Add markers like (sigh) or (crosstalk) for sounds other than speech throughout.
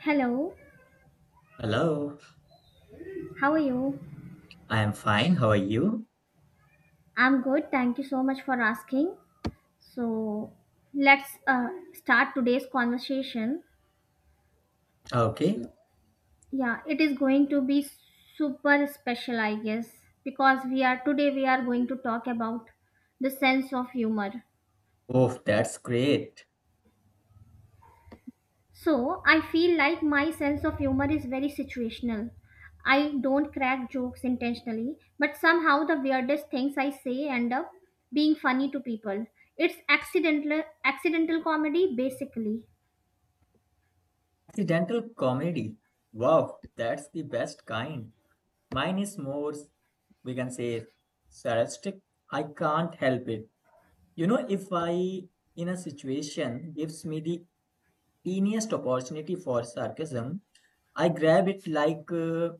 Hello, Hello, how are you? I am fine. How are you? I'm good. Thank you so much for asking. So, let's start today's conversation. Okay. Yeah, it is going to be super special, I guess, because we are going to talk about the sense of humor. Oh, that's great. So, I feel like my sense of humor is very situational. I don't crack jokes intentionally, but somehow the weirdest things I say end up being funny to people. It's accidental comedy basically. Accidental comedy. Wow, that's the best kind. Mine is more, we can say, sarcastic. I can't help it. You know, if I, in a situation, gives me the teeniest opportunity for sarcasm, I grab it like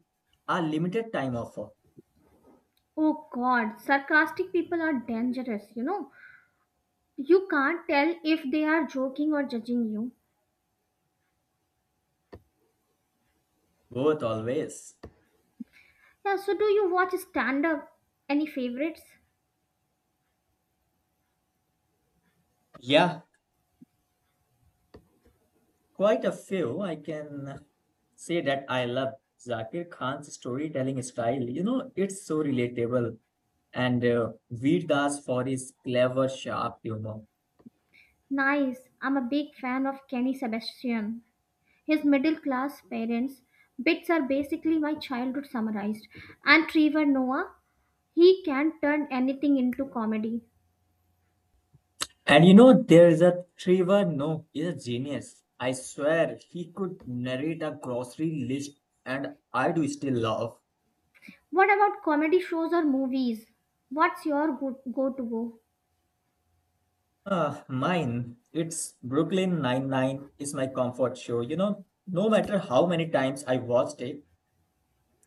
a limited time offer. Oh god, sarcastic people are dangerous, you know. You can't tell if they are joking or judging you. Both always. Yeah, so do you watch stand up? Any favorites? Yeah, quite a few. I can say that I love Zakir Khan's storytelling style. You know, it's so relatable. And Veer Das for his clever, sharp humor. Nice. I'm a big fan of Kenny Sebastian. His middle class parents' bits are basically my childhood summarized. And Trevor Noah, he can turn anything into comedy. And you know, there is a Trevor No, he's a genius. I swear, he could narrate a grocery list, and I do still laugh. What about comedy shows or movies? What's your go go to go? Ah, mine. It's Brooklyn Nine-Nine is my comfort show. You know, no matter how many times I watched it,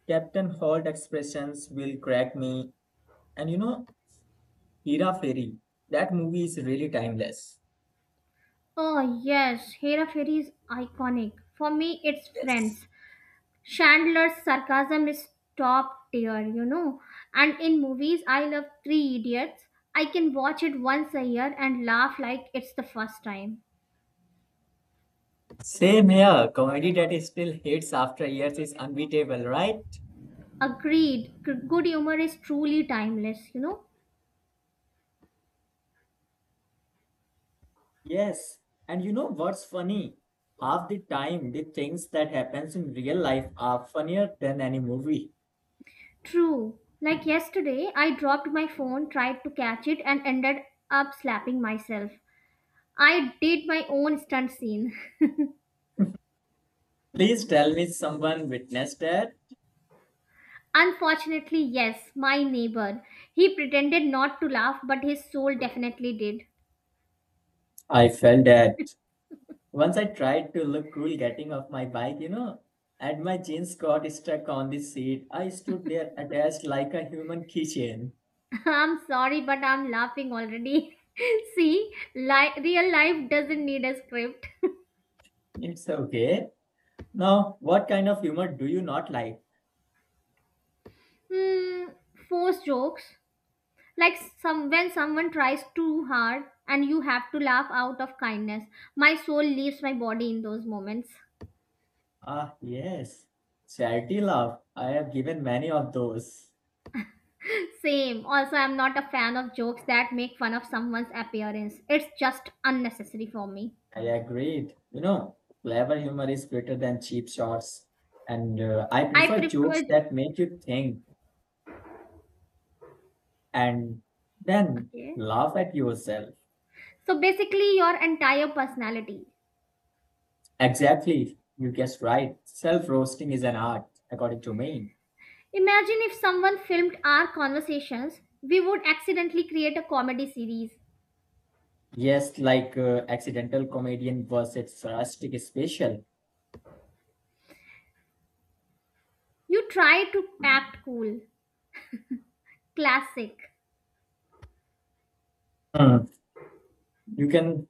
Captain Holt expressions will crack me. And you know, Hera Fairy, that movie is really timeless. Oh, yes, Hera Fairy is iconic. For me, it's Yes. Friends. Chandler's sarcasm is top tier, you know. And in movies, I love Three Idiots. I can watch it once a year and laugh like it's the first time. Same here. Comedy that is still hits after years is unbeatable, right? Agreed. Good humor is truly timeless, you know? Yes, and you know what's funny? Half the time, the things that happens in real life are funnier than any movie. True. Like yesterday, I dropped my phone, tried to catch it, and ended up slapping myself. I did my own stunt scene. (laughs) Please tell me someone witnessed that. Unfortunately, yes, my neighbor. He pretended not to laugh, but his soul definitely did. I felt that. Once I tried to look cool getting off my bike, you know, and my jeans got stuck on the seat. I stood there attached like a human keychain. (laughs) I'm sorry, but I'm laughing already. (laughs) See, real life doesn't need a script. (laughs) It's okay. Now, what kind of humor do you not like? Hmm, forced jokes. Like some when someone tries too hard and you have to laugh out of kindness. My soul leaves my body in those moments. Ah, yes. Charity laugh. I have given many of those. (laughs) Same. Also, I'm not a fan of jokes that make fun of someone's appearance. It's just unnecessary for me. I agreed. You know, clever humor is greater than cheap shots. And I I prefer jokes prefer that make you think and then Okay, laugh at yourself. so basically your entire personality. Exactly. You guessed right. Self roasting is an art, according to me. Imagine if someone filmed our conversations, we would accidentally create a comedy series. Yes, like accidental comedian versus rustic special. You try to act cool. Classic. Hmm. You can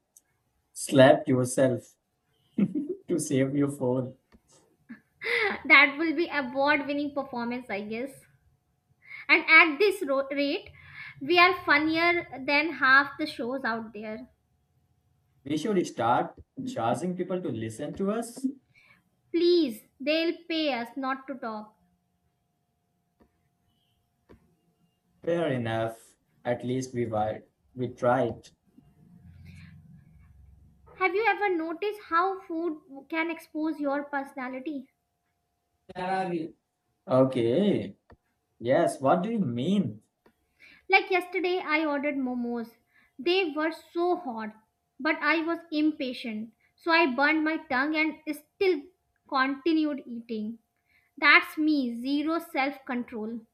slap yourself to save your phone. (laughs) That will be award winning performance, I guess. And at rate, we are funnier than half the shows out there. We should start charging people to listen to us. Please, they'll pay us not to talk. Fair enough. At least we tried. Have you ever noticed how food can expose your personality? Where are we? Okay. Yes. What do you mean? Like yesterday, I ordered momos. They were so hot, but I was impatient. So I burned my tongue and still continued eating. That's me, zero self control.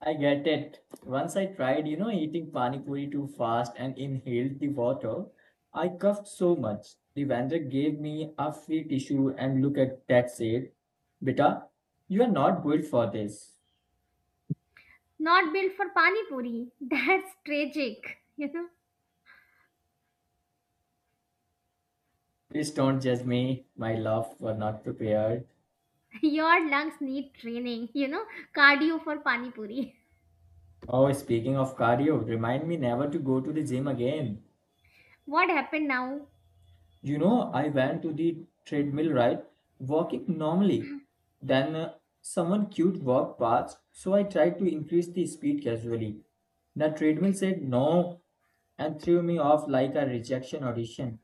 I get it. Once I tried, you know, eating pani puri too fast and inhaled the water. I coughed so much. The vendor gave me a free tissue and look at that said, Beta, you are not built for this. Not built for pani puri. (laughs) That's tragic, you know. Please don't judge me, my love, Were not prepared. (laughs) Your lungs need training, you know, cardio for pani puri. Oh, speaking of cardio, remind me never to go to the gym again. (laughs) What happened now? You know, I went to the treadmill ride walking normally. Then someone cute walked past, so I tried to increase the speed casually. The treadmill said no and threw me off like a rejection audition.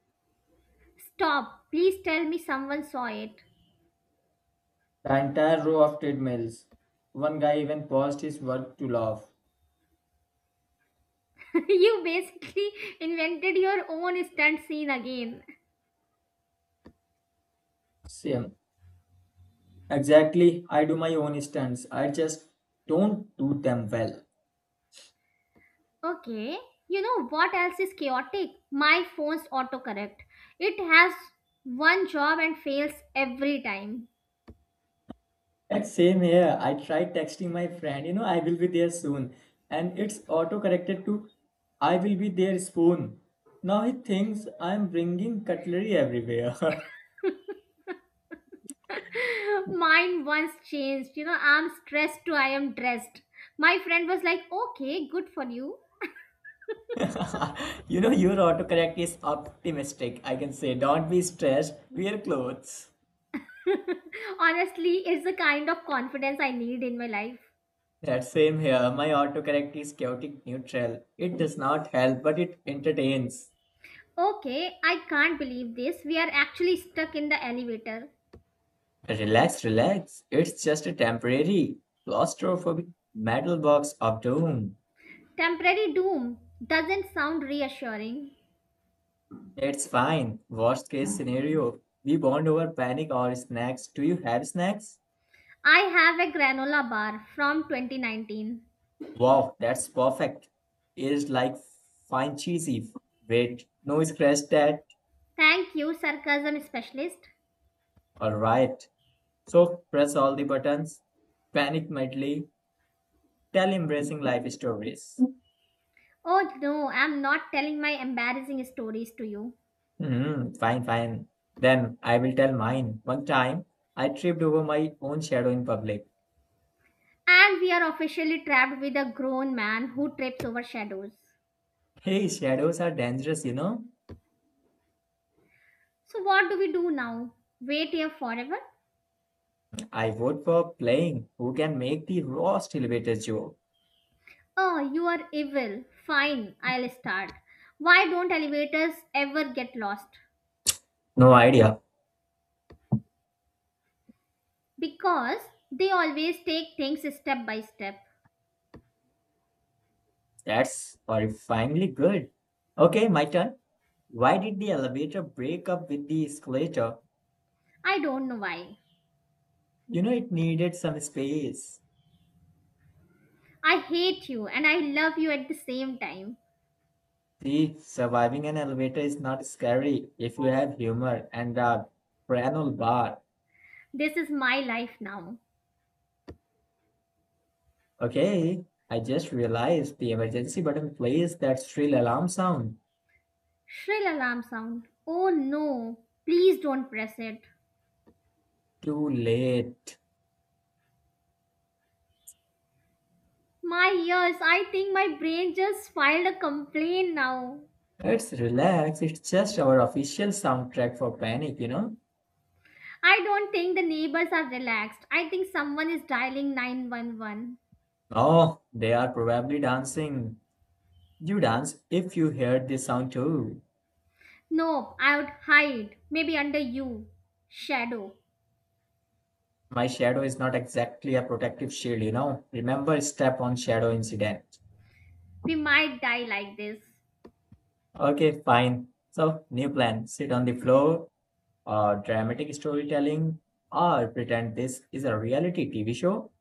Stop. Please tell me someone saw it. The entire row of treadmills. One guy even paused his work to laugh. (laughs) You basically invented your own stunt scene again. Same. Exactly. I do my own stunts. I just don't do them well. Okay. You know what else is chaotic? My phone's autocorrect. It has one job and fails every time. Same here. I tried texting my friend, you know, I will be there soon. And it's auto corrected to I will be there soon. Now he thinks I'm bringing cutlery everywhere. (laughs) (laughs) Mine once changed, you know, I'm stressed to I am dressed. My friend was like, okay, good for you. (laughs) You know, your autocorrect is optimistic. I can say, don't be stressed, wear clothes. Honestly, it's the kind of confidence I need in my life. That same here. My autocorrect is chaotic neutral. It does not help, but it entertains. Okay, I can't believe this. We are actually stuck in the elevator. Relax, relax. It's just a temporary claustrophobic metal box of doom. Temporary doom doesn't sound reassuring. It's fine. Worst case scenario, we bond over panic or snacks. Do you have snacks? I have a granola bar from 2019. Wow, that's perfect. It's like fine cheesy. Wait, no scratch that. Thank you, sarcasm specialist. All right. So press all the buttons. Panic medley. Tell embracing life stories. Oh no, I'm not telling my embarrassing stories to you. Hmm. Fine, fine. Then I will tell mine. One time, I tripped over my own shadow in public. And we are officially trapped with a grown man who trips over shadows. Hey, shadows are dangerous, you know. So, what do we do now? Wait here forever? I vote for playing who can make the worst elevator joke. Oh, you are evil. Fine, I'll start. Why don't elevators ever get lost? No idea. Because they always take things step by step. That's horrifyingly good. Okay, my turn. Why did the elevator break up with the escalator? I don't know why. You know, it needed some space. I hate you and I love you at the same time. See, surviving an elevator is not scary if you have humor and a piano bar. This is my life now. Okay, I just realized the emergency button plays that shrill alarm sound. Shrill alarm sound. Oh no, please don't press it. Too late. My ears, I think my brain just filed a complaint now. It's relaxed. It's just our official soundtrack for Panic, you know? I don't think the neighbors are relaxed. I think someone is dialing 911. Oh, they are probably dancing. You dance if you hear this sound too. No, I would hide, maybe under you. Shadow. My shadow is not exactly a protective shield, you know? Remember step on shadow incident. We might die like this. Okay, fine. So, new plan. Sit on the floor, or dramatic storytelling, or pretend this is a reality TV show.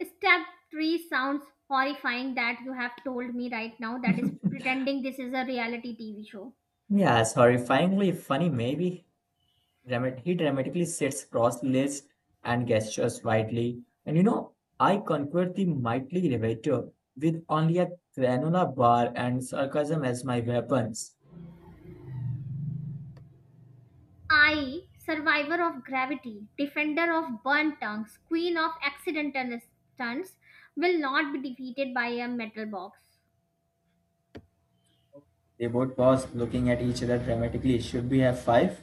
Step 3 sounds horrifying that you have told me right now, that is (laughs) pretending this is a reality TV show. Yes, horrifyingly funny, maybe. He dramatically sits cross-legged and gestures widely. And you know, I conquered the mighty elevator with only a granola bar and sarcasm as my weapons. I, survivor of gravity, defender of burnt tongues, queen of accidental stunts, will not be defeated by a metal box. They both paused, looking at each other dramatically. Should we have five?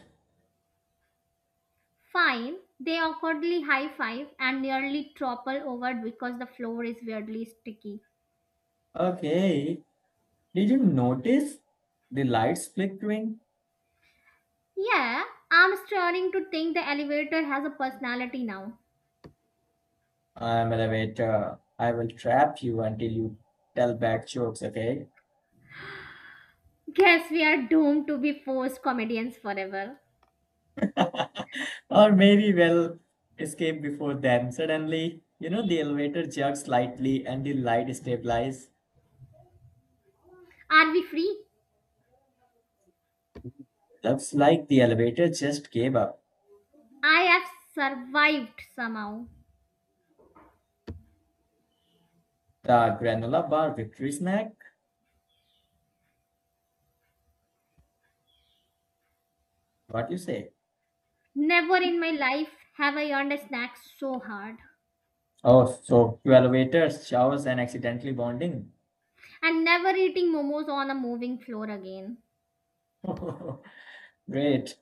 Fine, they awkwardly high five and nearly topple over because the floor is weirdly sticky. Okay. Did you notice the lights flickering? Yeah, I'm starting to think the elevator has a personality now. I'm elevator. I will trap you until you tell bad jokes, okay? Guess we are doomed to be forced comedians forever. (laughs) Or maybe well escape before them. Suddenly, you know, the elevator jerks slightly and the light stabilizes. Are we free? Looks like the elevator just gave up. I have survived somehow. The granola bar victory snack? What you say? Never in my life have I earned a snack so hard. Oh, so two elevators, showers, and accidentally bonding. And never eating momos on a moving floor again. (laughs) Great.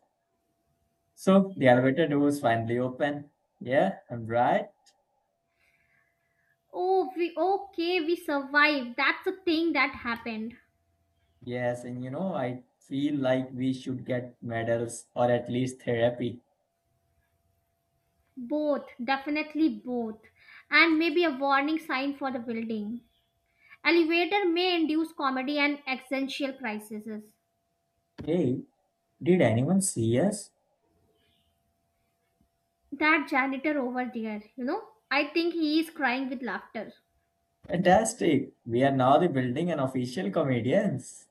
So the elevator doors finally open. Yeah, I'm right. Oh, we okay, we survived. That's a thing that happened. Yes, and you know, I feel like we should get medals or at least therapy. Both, definitely both. And maybe a warning sign for the building. Elevator may induce comedy and existential crises. Hey, did anyone see us? That janitor over there, you know, I think he is crying with laughter. Fantastic. We are now the building and official comedians.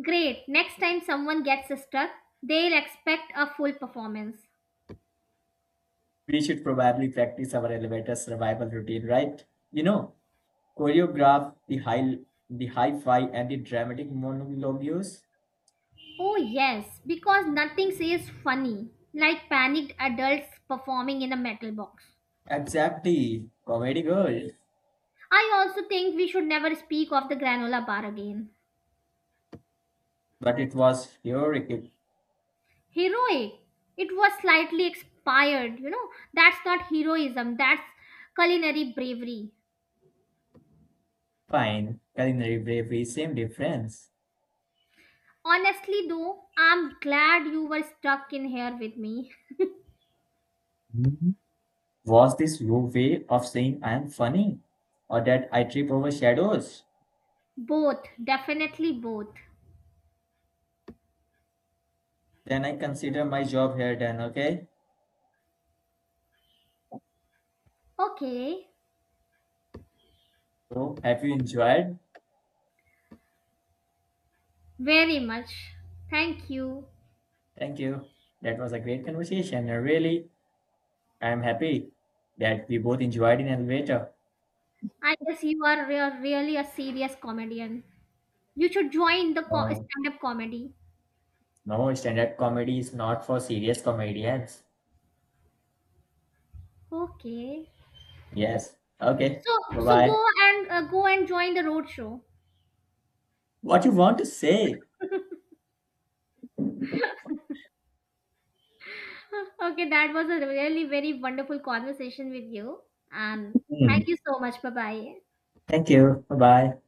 Great, next time someone gets stuck, they'll expect a full performance. We should probably practice our elevator survival routine, right? You know, choreograph the high the hi-fi and the dramatic monologues. Oh, yes, because nothing says funny like panicked adults performing in a metal box. Exactly. Comedy gold. I also think we should never speak of the granola bar again. But it was heroic Heroic. It was slightly expired, you know. That's not heroism, that's culinary bravery. fine. Culinary bravery, same difference. Honestly, though, I'm glad you were stuck in here with me. Mhm. Was this your way of saying I am funny? Or that I trip over shadows? Both, definitely both. Then I consider my job here done, okay? Okay, So have you enjoyed? very much. Thank you. Thank you. That was a great conversation. I'm happy that we both enjoyed in elevator. I guess you are really a serious comedian. You should join the No, stand-up comedy. no, stand-up comedy is not for serious comedians. Okay. Yes. Okay. So, so Bye-bye. go and go and join the road show. What you want to say? (laughs) Okay, that was a really very wonderful conversation with you, and Hmm. thank you so much. Bye bye. Thank you. Bye-bye.